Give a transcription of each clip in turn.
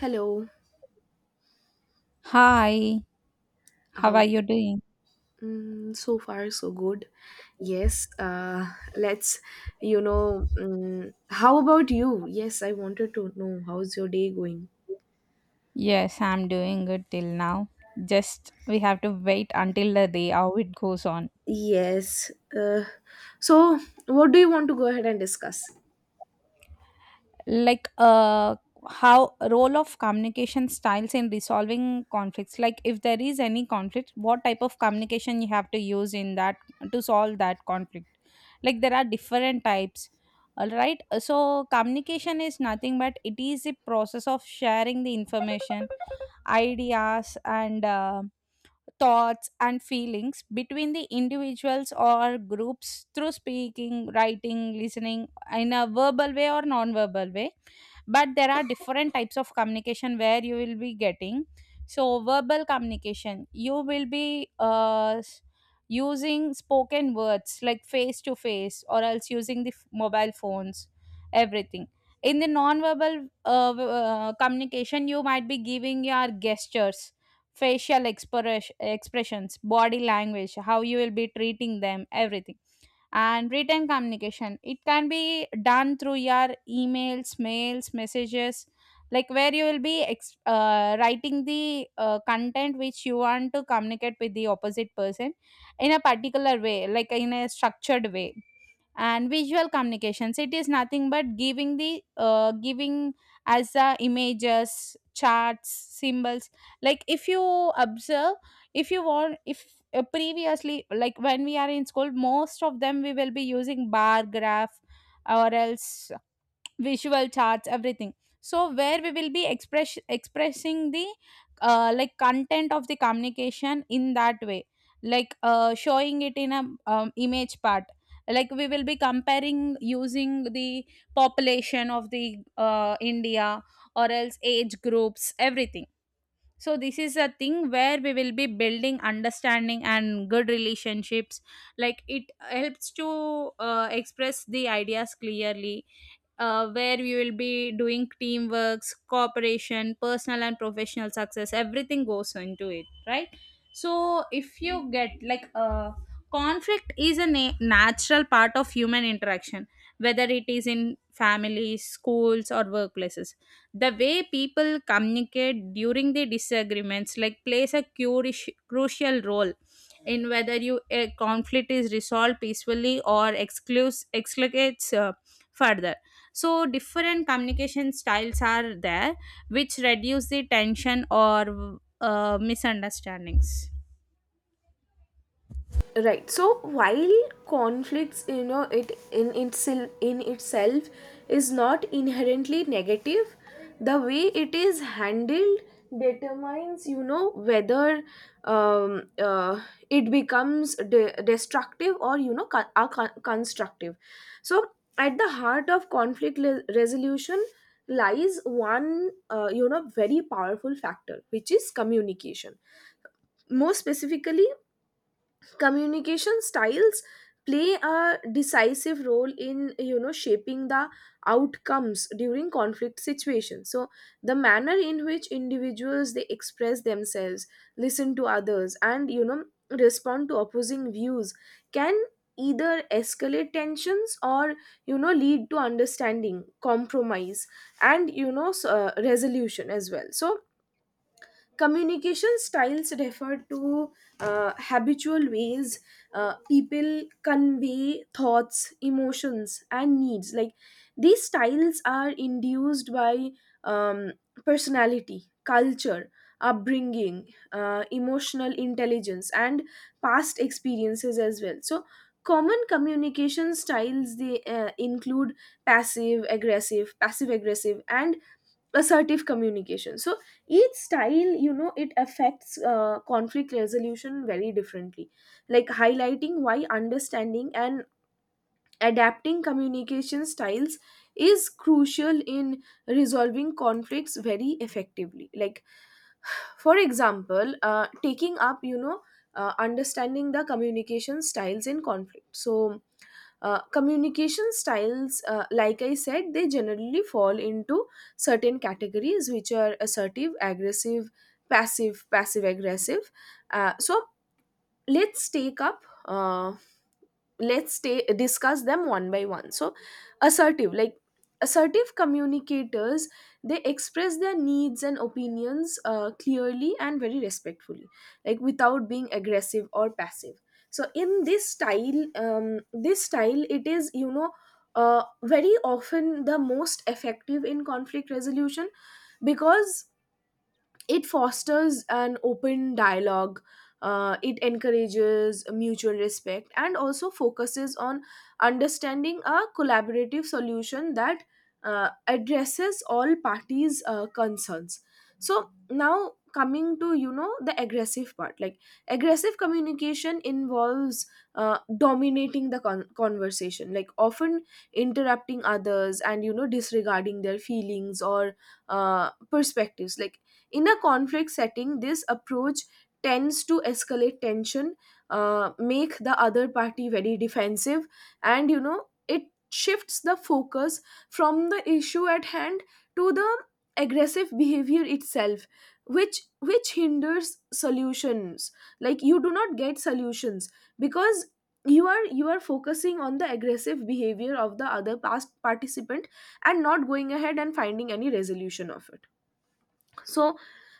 Hello. Hi, how are How? you doing? Mm, so far, so good. Yes. Let's. You know. Mm, How about you? Yes, I wanted to know how's your day going. Yes, I'm doing good till now. Just we have to wait until the day how it goes on. Yes. Uh, so, what do you want to go ahead and discuss? Like how role of communication styles in resolving conflicts. Like if there is any conflict, what type of communication you have to use in that to solve that conflict. Like there are different types. All right. So communication is nothing but it is a process of sharing the information, ideas and thoughts and feelings between the individuals or groups through speaking, writing, listening in a verbal way or non-verbal way. But there are different types of communication where you will be getting. So verbal communication, you will be using spoken words like face to face or else using the mobile phones, everything. In the non-verbal communication, you might be giving your gestures, facial expressions, body language, how you will be treating them, everything. And written communication, it can be done through your emails, mails, messages, like where you will be writing the content which you want to communicate with the opposite person in a particular way, like in a structured way. And visual communications, it is nothing but giving the giving as images, charts, symbols. Like if you observe, if you want, if previously, like when we are in school, most of them we will be using bar graph or else visual charts, everything. So where we will be expressing the like content of the communication in that way, like showing it in a image part, like we will be comparing using the population of the india, or else age groups, everything. So this is a thing where we will be building understanding and good relationships. Like it helps to express the ideas clearly, where we will be doing teamworks, cooperation, personal and professional success. Everything goes into it, right? So if you get conflict is a natural part of human interaction, whether it is in families, schools, or workplaces. The way people communicate during the disagreements like plays a crucial role in whether you a conflict is resolved peacefully or excludes explicates further. So different communication styles are there which reduce the tension or misunderstandings. Right, so while conflicts, it in itself is not inherently negative. The way it is handled determines, you know, whether um, uh, it becomes destructive or, you know, constructive. So at the heart of conflict resolution lies one you know, very powerful factor, which is communication. More specifically, communication styles play a decisive role in, you know, shaping the outcomes during conflict situations. So the manner in which individuals, they express themselves, listen to others, and, you know, respond to opposing views can either escalate tensions or, you know, lead to understanding, compromise, and, you know, resolution as well. So communication styles refer to habitual ways people convey thoughts, emotions, and needs. Like, these styles are induced by um, personality, culture, upbringing, emotional intelligence, and past experiences as well. So, common communication styles, they include passive, aggressive, passive aggressive, and assertive communication. So each style, you know, it affects conflict resolution very differently, like highlighting why understanding and adapting communication styles is crucial in resolving conflicts very effectively. Like for example, taking up, you know, understanding the communication styles in conflict. So communication styles, like I said, they generally fall into certain categories, which are assertive, aggressive, passive, passive aggressive. So let's take up. Let's stay discuss them one by one. So assertive, like assertive communicators, they express their needs and opinions clearly and very respectfully, like without being aggressive or passive. So in this style, this style, it is, you know, very often the most effective in conflict resolution because it fosters an open dialogue. It encourages mutual respect and also focuses on understanding a collaborative solution that addresses all parties concerns. So now coming to, you know, the aggressive part, like aggressive communication involves dominating the conversation, like often interrupting others and, you know, disregarding their feelings or perspectives. Like in a conflict setting, this approach tends to escalate tension, make the other party very defensive, and, you know, it shifts the focus from the issue at hand to the aggressive behavior itself, which hinders solutions. Like you do not get solutions because you are focusing on the aggressive behavior of the other past participant and not going ahead and finding any resolution of it. So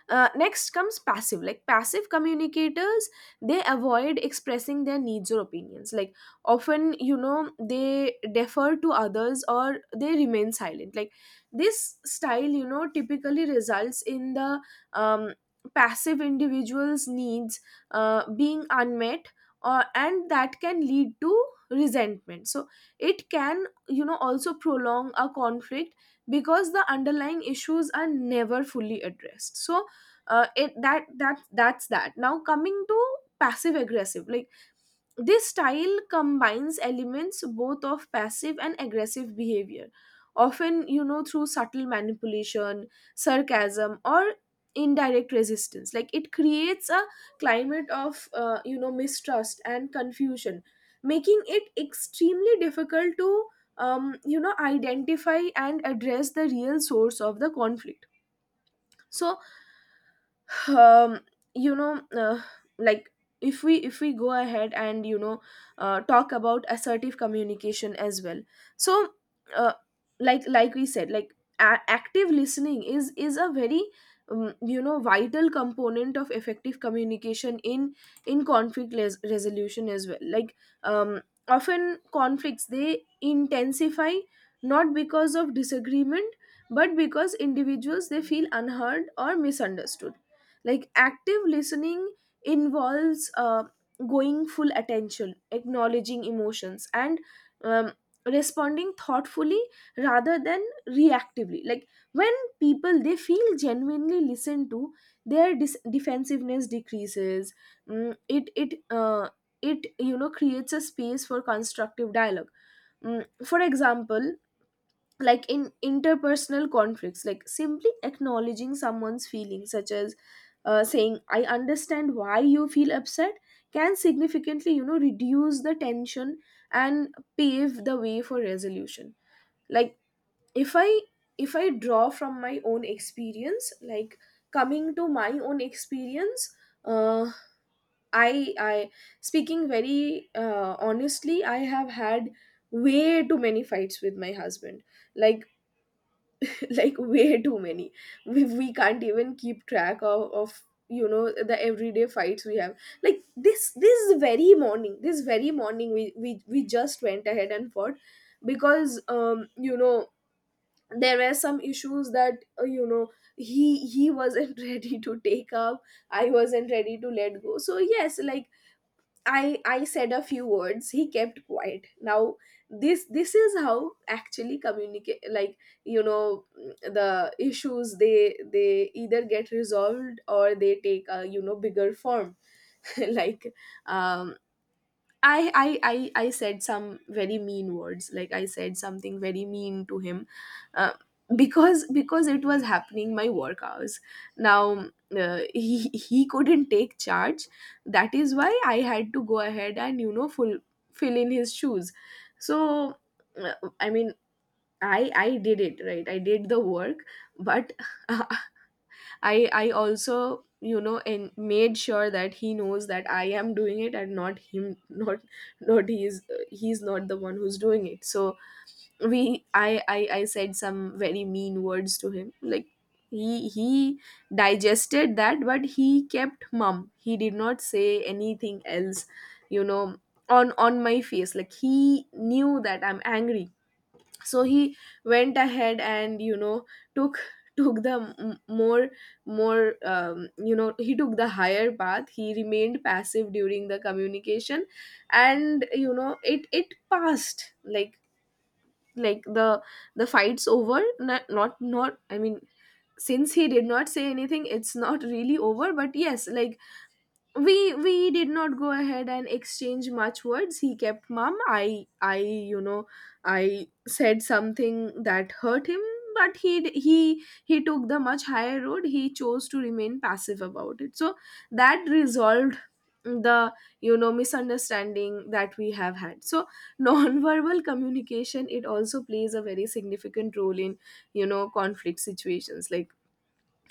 next comes passive. Like passive communicators, they avoid expressing their needs or opinions, like often, you know, they defer to others or they remain silent. Like this style, you know, typically results in the um, passive individuals needs being unmet or, and that can lead to resentment. So it can, you know, also prolong a conflict because the underlying issues are never fully addressed. So it that that that's that now coming to passive aggressive, like this style combines elements both of passive and aggressive behavior, often, you know, through subtle manipulation, sarcasm, or indirect resistance. Like it creates a climate of, you know, mistrust and confusion, making it extremely difficult to, you know, identify and address the real source of the conflict. So, um you know uh, like if we go ahead and, you know, talk about assertive communication as well. So uh, like we said, like active listening is a very you know, vital component of effective communication in conflict resolution as well. Like often conflicts, they intensify not because of disagreement, but because individuals, they feel unheard or misunderstood. Like active listening involves going full attention, acknowledging emotions, and um, responding thoughtfully rather than reactively. Like when people, they feel genuinely listened to, their defensiveness decreases. Mm, it it uh, it, you know, creates a space for constructive dialogue. Mm, for example, like in interpersonal conflicts, like simply acknowledging someone's feelings, such as saying I understand why you feel upset, can significantly, you know, reduce the tension and pave the way for resolution. Like if i if I draw from my own experience, like coming to my own experience, uh, I speaking very honestly, I have had way too many fights with my husband. Like like way too many. We can't even keep track of, you know, the everyday fights we have. Like this very morning, this very morning, we just went ahead and fought because you know, there were some issues that, you know, he wasn't ready to take up. I wasn't ready to let go. So yes, like I said a few words. He kept quiet. Now this is how actually communicate. Like, you know, the issues, they either get resolved or they take a, you know, bigger form. Like um I said some very mean words. Like I said something very mean to him, uh, because it was happening my work hours. Now he couldn't take charge. That is why I had to go ahead and, you know, full fill in his shoes. So I mean, I did it right. I did the work, but I also, you know, and made sure that he knows that I am doing it and not him, not not he's he's not the one who's doing it. So I said some very mean words to him. Like he digested that, but he kept mum. He did not say anything else, you know, on my face. Like he knew that I'm angry, so he went ahead and, you know, took took the m- more more you know, he took the higher path. He remained passive during the communication, and, you know, it passed. Like like the the fight's over. Not I mean, since he did not say anything, it's not really over. But yes, like we did not go ahead and exchange much words. He kept mum. I you know, I said something that hurt him, but he d- he took the much higher road. He chose to remain passive about it, so that resolved the, you know, misunderstanding that we have had. So non-verbal communication, it also plays a very significant role in, you know, conflict situations. Like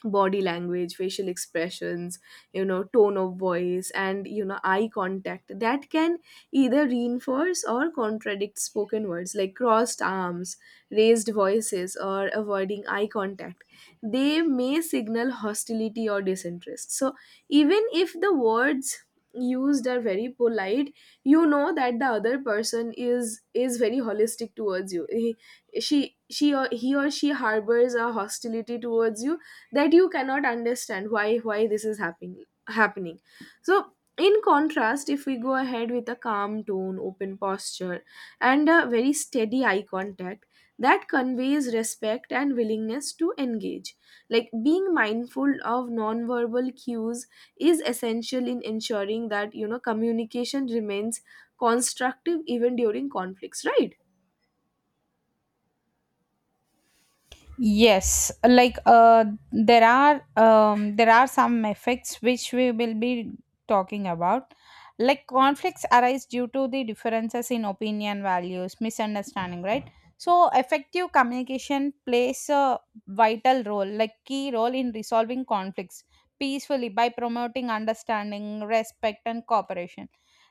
body language, facial expressions, you know, tone of voice, and, you know, eye contact, that can either reinforce or contradict spoken words. Like crossed arms, raised voices, or avoiding eye contact, they may signal hostility or disinterest. So even if the words used are very polite, you know, that the other person is very holistic towards you. He or she harbors a hostility towards you that you cannot understand. Why this is happening. So in contrast, if we go ahead with a calm tone, open posture, and a very steady eye contact, that conveys respect and willingness to engage. Like being mindful of non-verbal cues is essential in ensuring that, you know, communication remains constructive even during conflicts, right? Yes, like there are some effects which we will be talking about. Like conflicts arise due to the differences in opinion, values, misunderstanding, right? So effective communication plays a vital role, like key role, in resolving conflicts peacefully by promoting understanding, respect, and cooperation.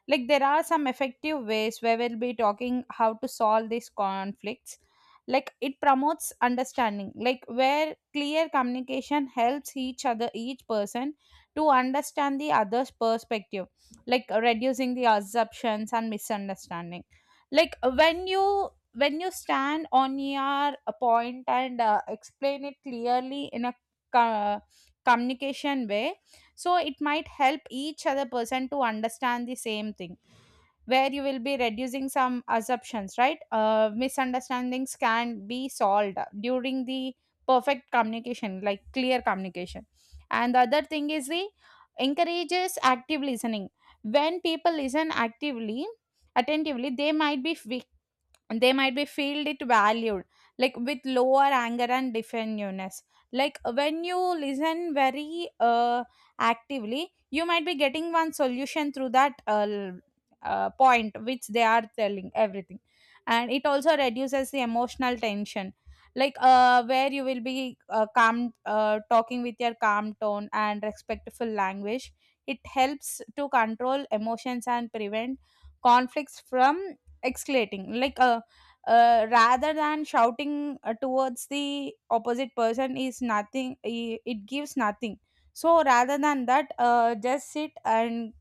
Like there are some effective ways where we'll be talking how to solve these conflicts. Like it promotes understanding, like where clear communication helps each person to understand the other's perspective, like reducing the assumptions and misunderstanding. Like when you stand on your point and explain it clearly in a co- communication way, so it might help each other person to understand the same thing, where you will be reducing some assumptions, right? Misunderstandings can be solved during the perfect communication, like clear communication. And the other thing is the encourages active listening. When people listen actively, attentively, they might be feel it valued, like with lower anger and defensiveness. Like when you listen very actively, you might be getting one solution through that point which they are telling everything. And it also reduces the emotional tension, like where you will be calm, talking with your calm tone and respectful language, it helps to control emotions and prevent conflicts from escalating. Rather than shouting towards the opposite person is nothing, it gives nothing. So rather than that, just sit and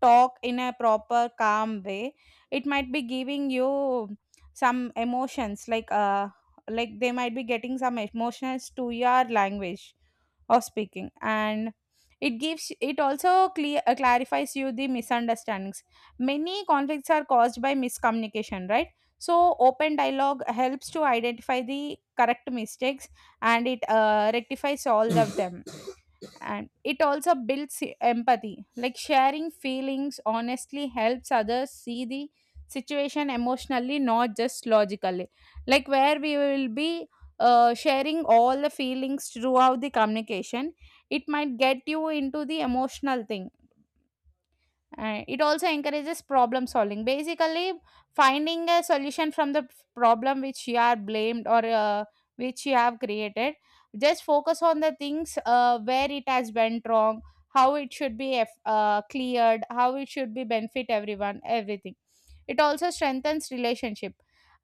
talk in a proper calm way, it might be giving you some emotions, like they might be getting some emotions to your language of speaking. And it gives, it also clear, clarifies you the misunderstandings. Many conflicts are caused by miscommunication, right? So open dialogue helps to identify the correct mistakes, and it rectifies all of them. And it also builds empathy, like sharing feelings honestly helps others see the situation emotionally, not just logically. Like where we will be sharing all the feelings throughout the communication, it might get you into the emotional thing. And it also encourages problem solving, basically finding a solution from the problem which you are blamed, or which you have created. Just focus on the things where it has went wrong, how it should be cleared, how it should be benefit everyone, everything. It also strengthens relationship,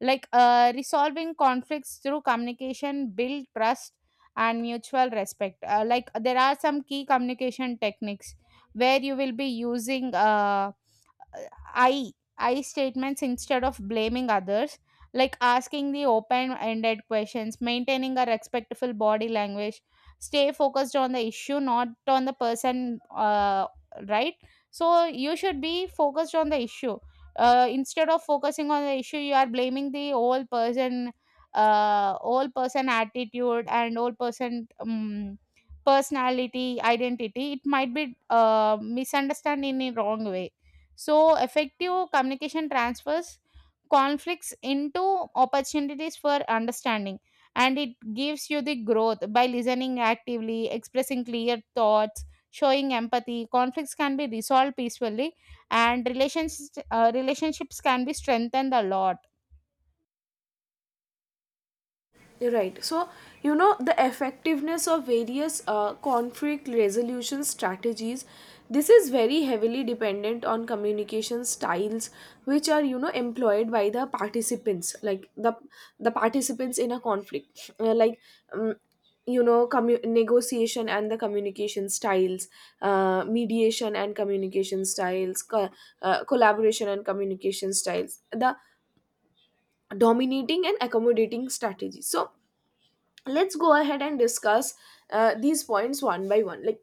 like resolving conflicts through communication build trust and mutual respect. Like there are some key communication techniques where you will be using I statements instead of blaming others, like asking the open ended questions, maintaining a respectful body language, stay focused on the issue, not on the person, right? So you should be focused on the issue. Instead of focusing on the issue, you are blaming the whole person attitude and whole person personality identity. It might be misunderstood in a wrong way. So, effective communication transfers conflicts into opportunities for understanding, and it gives you the growth. By listening actively, expressing clear thoughts, showing empathy, conflicts can be resolved peacefully, and relationships can be strengthened a lot. Right. So, you know, the effectiveness of various conflict resolution strategies, this is very heavily dependent on communication styles, which are, you know, employed by the participants, like the participants in a conflict. Like um, you know, negotiation and the communication styles, mediation and communication styles, collaboration and communication styles, the dominating and accommodating strategies. So let's go ahead and discuss these points one by one, like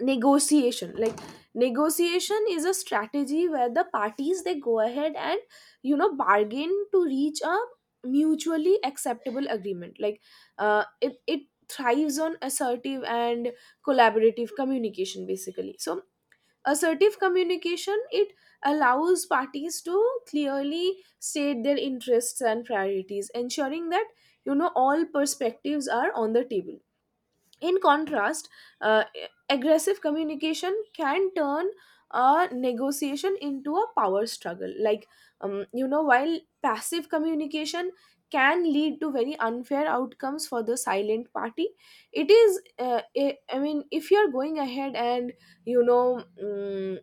negotiation. Negotiation is a strategy where the parties they go ahead and bargain to reach a mutually acceptable agreement. It thrives on assertive and collaborative communication basically. So assertive communication, it allows parties to clearly state their interests and priorities, ensuring that all perspectives are on the table. In contrast, uh, aggressive communication can turn a negotiation into a power struggle, like while passive communication can lead to very unfair outcomes for the silent party. It is, I mean, if you're going ahead and you know mm,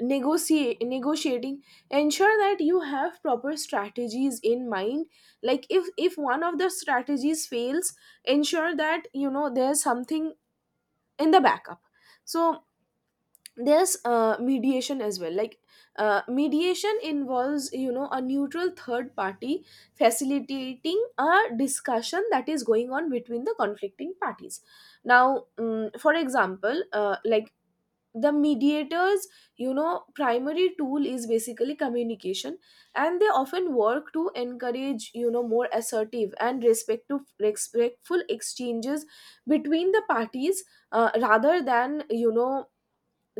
negotiate negotiating, ensure that you have proper strategies in mind. Like if one of the strategies fails, ensure that there's something in the backup. So there's mediation as well. Like mediation involves, a neutral third party facilitating a discussion that is going on between the conflicting parties. Now for example, like the mediators, primary tool is basically communication, and they often work to encourage, more assertive and respectful exchanges between the parties, rather than,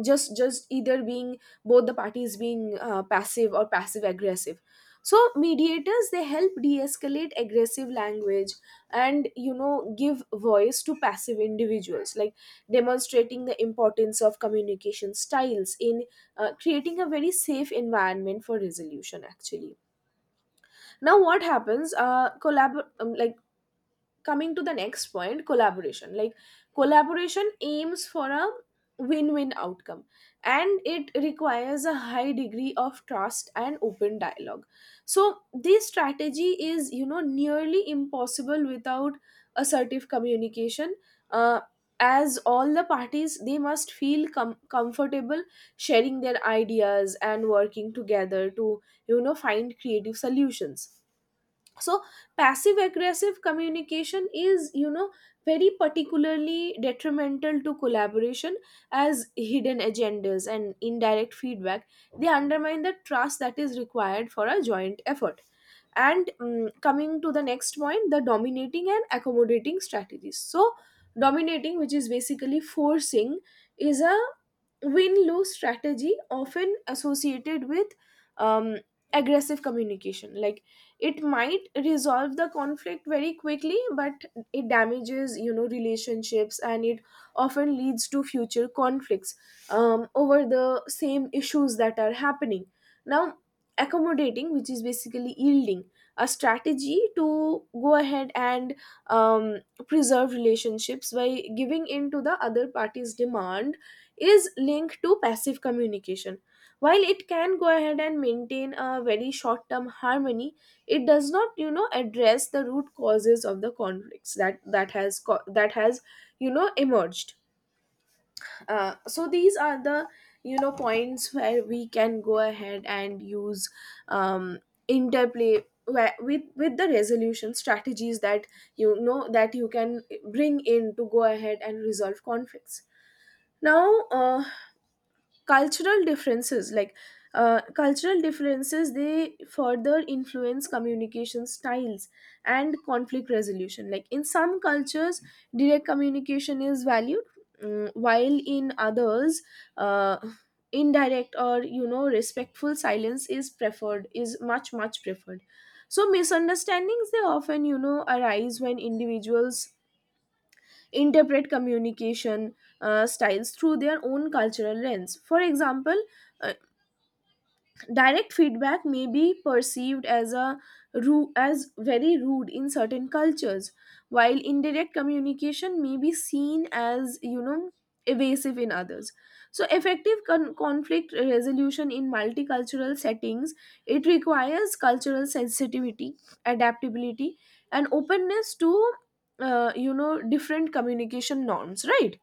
just either being, both the parties being, passive or passive aggressive. So mediators, they help de-escalate aggressive language and give voice to passive individuals, like demonstrating the importance of communication styles in creating a very safe environment for resolution actually. Now what happens, collab like, coming to the next point, collaboration. Collaboration aims for a win-win outcome, and it requires a high degree of trust and open dialogue. So this strategy is, nearly impossible without assertive communication, uh, as all the parties, they must feel comfortable sharing their ideas and working together to find creative solutions. So passive aggressive communication is, very particularly detrimental to collaboration, as hidden agendas and indirect feedback, they undermine the trust that is required for a joint effort. And coming to the next point, the dominating and accommodating strategies. So dominating, which is basically forcing, is a win lose strategy often associated with um, aggressive communication. Like it might resolve the conflict very quickly, but it damages, relationships, and it often leads to future conflicts over the same issues that are happening. Now accommodating, which is basically yielding, a strategy to go ahead and um, preserve relationships by giving in to the other party's demand, is linked to passive communication. While it can go ahead and maintain a very short term harmony, it does not, you know, address the root causes of the conflicts, that has, you know, emerged. So these are the, you know, points where we can go ahead and use um, interplay where, with the resolution strategies that, that you can bring in to go ahead and resolve conflicts. Now cultural differences, like cultural differences, they further influence communication styles and conflict resolution. Like in some cultures direct communication is valued, while in others, uh, indirect or, respectful silence is preferred, is much preferred. So misunderstandings, they often, arise when individuals interpret communication styles through their own cultural lens. For example, direct feedback may be perceived as as very rude in certain cultures, while indirect communication may be seen as, evasive in others. So effective conflict resolution in multicultural settings, it requires cultural sensitivity, adaptability, and openness to you know, different communication norms, right?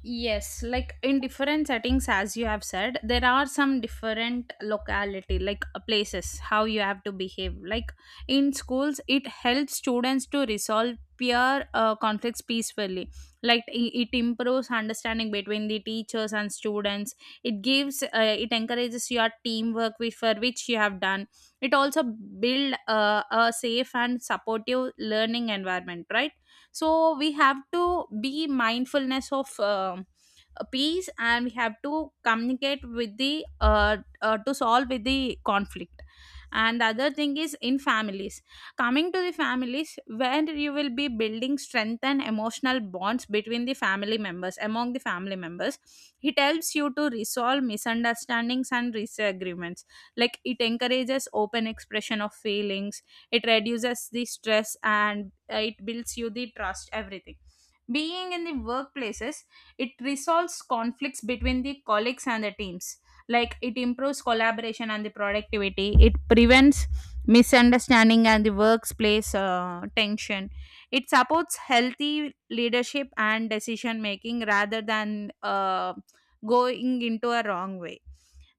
Yes, like in different settings, as you have said, there are some different locality, like places, how you have to behave. Like in schools, it helps students to resolve peer conflicts peacefully. Like it improves understanding between the teachers and students. It gives, it encourages your teamwork which for which you have done. It also build a safe and supportive learning environment, right? So we have to be mindfulness of peace, and we have to communicate with the to solve with the conflict. And the other thing is in families. Coming to the families, where you will be building strength and emotional bonds between the family members, among the family members, it helps you to resolve misunderstandings and disagreements. Like it encourages open expression of feelings, it reduces the stress, and it builds you the trust, everything. Being in the workplaces, it resolves conflicts between the colleagues and the teams. Like it improves collaboration and the productivity, it prevents misunderstanding and the workplace tension, it supports healthy leadership and decision making rather than going into a wrong way.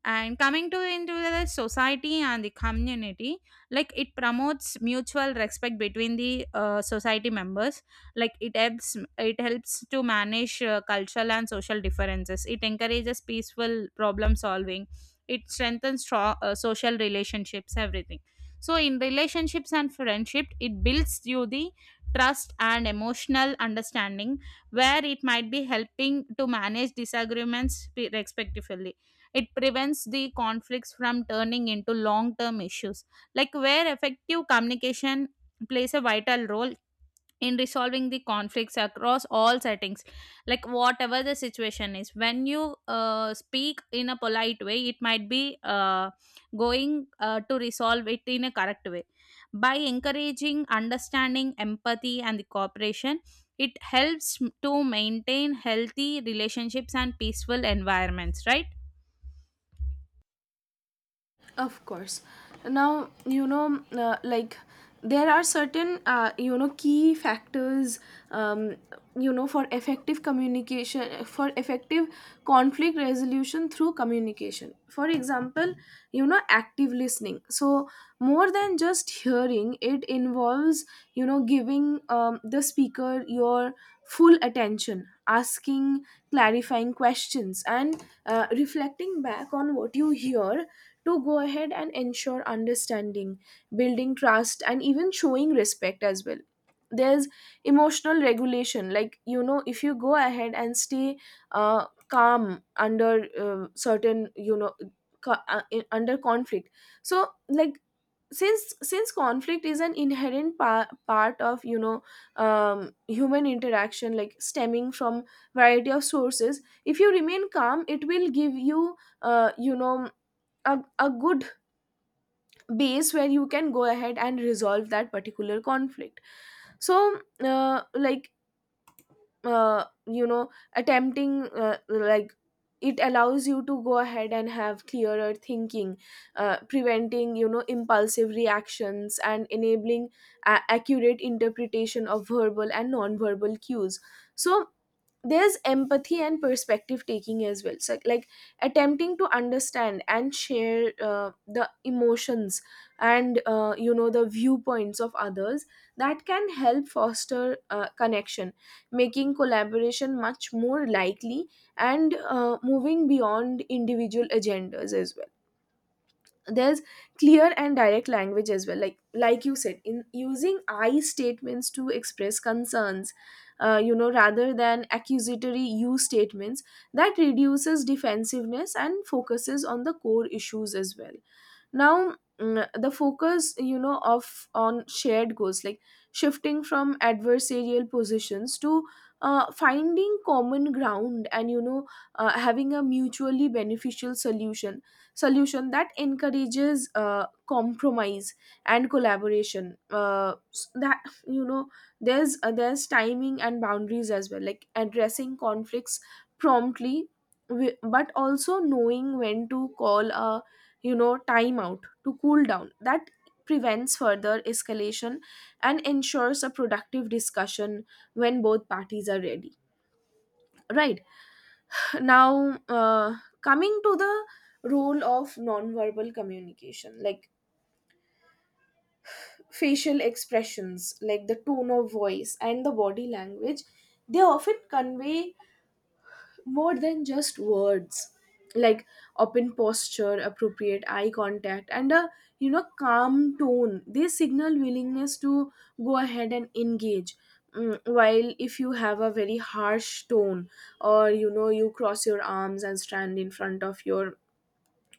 And coming to into the society and the community, like it promotes mutual respect between the society members. Like it helps to manage cultural and social differences, it encourages peaceful problem solving, it strengthens social relationships, everything. So in relationships and friendship, it builds you the trust and emotional understanding, where it might be helping to manage disagreements respectively. It prevents the conflicts from turning into long term issues, like where effective communication plays a vital role in resolving the conflicts across all settings. Like whatever the situation is, when you speak in a polite way, it might be going to resolve it in a correct way by encouraging understanding, empathy, and the cooperation. It helps to maintain healthy relationships and peaceful environments, right? Of course. Now, you know, like there are certain, you know, key factors, um, you know, for effective communication, for effective conflict resolution through communication. For example, you know, active listening. So more than just hearing, it involves, you know, giving the speaker your full attention, asking clarifying questions, and reflecting back on what you hear to go ahead and ensure understanding, building trust, and even showing respect as well. There's emotional regulation, like, you know, if you go ahead and stay calm under, certain, you know, under conflict. So like, since conflict is an inherent part of, you know, human interaction, like stemming from variety of sources, if you remain calm, it will give you, you know, a good base where you can go ahead and resolve that particular conflict. So like you know, attempting, like, it allows you to go ahead and have clearer thinking, preventing, you know, impulsive reactions and enabling accurate interpretation of verbal and nonverbal cues. So there's empathy and perspective taking as well. So like attempting to understand and share the emotions and, you know, the viewpoints of others, that can help foster connection, making collaboration much more likely, and moving beyond individual agendas as well. There's clear and direct language as well, like you said, in using I statements to express concerns, you know, rather than accusatory you statements. That reduces defensiveness and focuses on the core issues as well. Now the focus, you know, of on shared goals, like shifting from adversarial positions to finding common ground and, you know, having a mutually beneficial solution, solution that encourages compromise and collaboration. That, you know, there's there's timing and boundaries as well, like addressing conflicts promptly, but also knowing when to call a, you know, timeout to cool down. That prevents further escalation and ensures a productive discussion when both parties are ready, right? Now coming to the role of nonverbal communication, like facial expressions, like the tone of voice and the body language, they often convey more than just words. Like open posture, appropriate eye contact, and a, you know, calm tone, they signal willingness to go ahead and engage. While if you have a very harsh tone, or, you know, you cross your arms and stand in front of your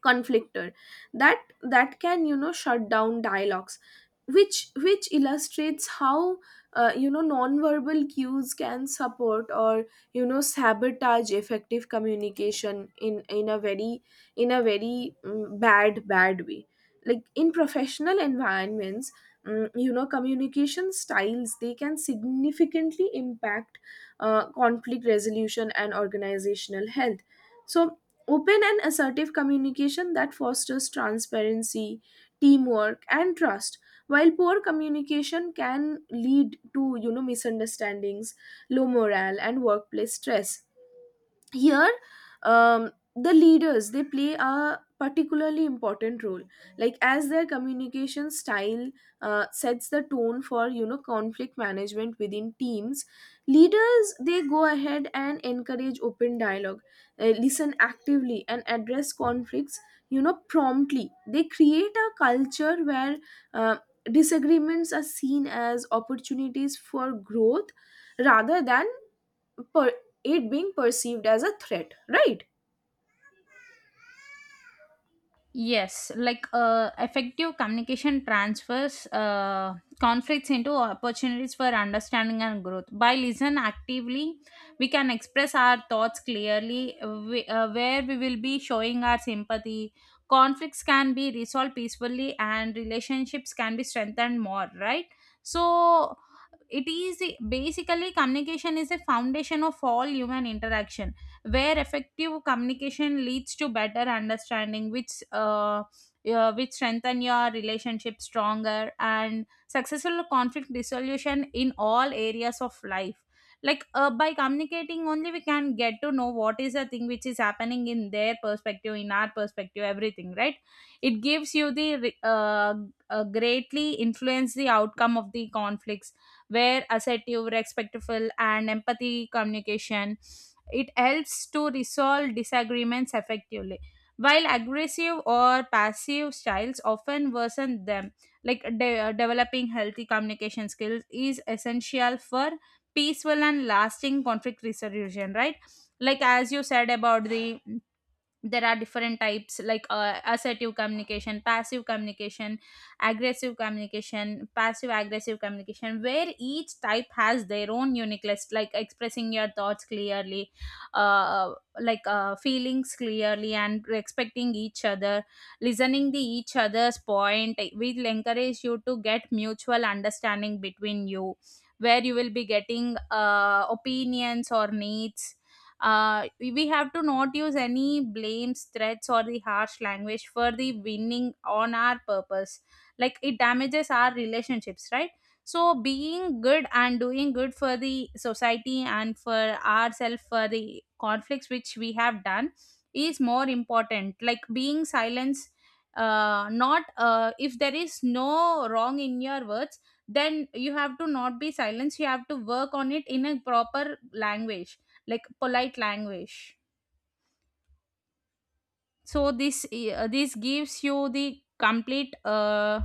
conflictor, that can, you know, shut down dialogues, which illustrates how, you know, nonverbal cues can support or, you know, sabotage effective communication in bad bad way. Like in professional environments, you know, communication styles, they can significantly impact conflict resolution and organizational health. So open and assertive communication that fosters transparency, teamwork, and trust, while poor communication can lead to, you know, misunderstandings, low morale, and workplace stress here. The leaders, they play a particularly important role, like as their communication style sets the tone for, you know, conflict management within teams. Leaders, they go ahead and encourage open dialogue, listen actively, and address conflicts, you know, promptly. They create a culture where uh, disagreements are seen as opportunities for growth rather than per, it being perceived as a threat, right? Yes, like effective communication transfers conflicts into opportunities for understanding and growth. By listen actively, we can express our thoughts clearly, we, where we will be showing our sympathy. Conflicts can be resolved peacefully, and relationships can be strengthened more. Right, so it is basically communication is a foundation of all human interaction, where effective communication leads to better understanding, which strengthen your relationship stronger and successful conflict resolution in all areas of life. Like by communicating only we can get to know what is the thing which is happening in their perspective, in our perspective, everything, right? It gives you the greatly influence the outcome of the conflicts, where assertive, respectful, and empathy communication, it helps to resolve disagreements effectively, while aggressive or passive styles often worsen them. Like developing healthy communication skills is essential for peaceful and lasting conflict resolution, right? Like as you said about the, there are different types, like assertive communication, passive communication, aggressive communication, passive aggressive communication, where each type has their own unique list, like expressing your thoughts clearly, uh, feelings clearly and respecting each other, listening to each other's point will encourage you to get mutual understanding between you, where you will be getting opinions or needs. We have to not use any blames, threats, or the harsh language for the winning on our purpose, like it damages our relationships, right? So being good and doing good for the society and for ourselves for the conflicts which we have done is more important, like being silence. Not If there is no wrong in your words, then you have to not be silence. You have to work on it in a proper language, like polite language. So this gives you the complete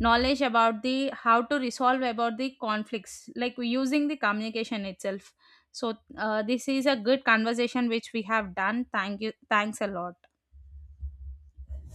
knowledge about the how to resolve about the conflicts like using the communication itself. So this is a good conversation which we have done. Thank you, thanks a lot.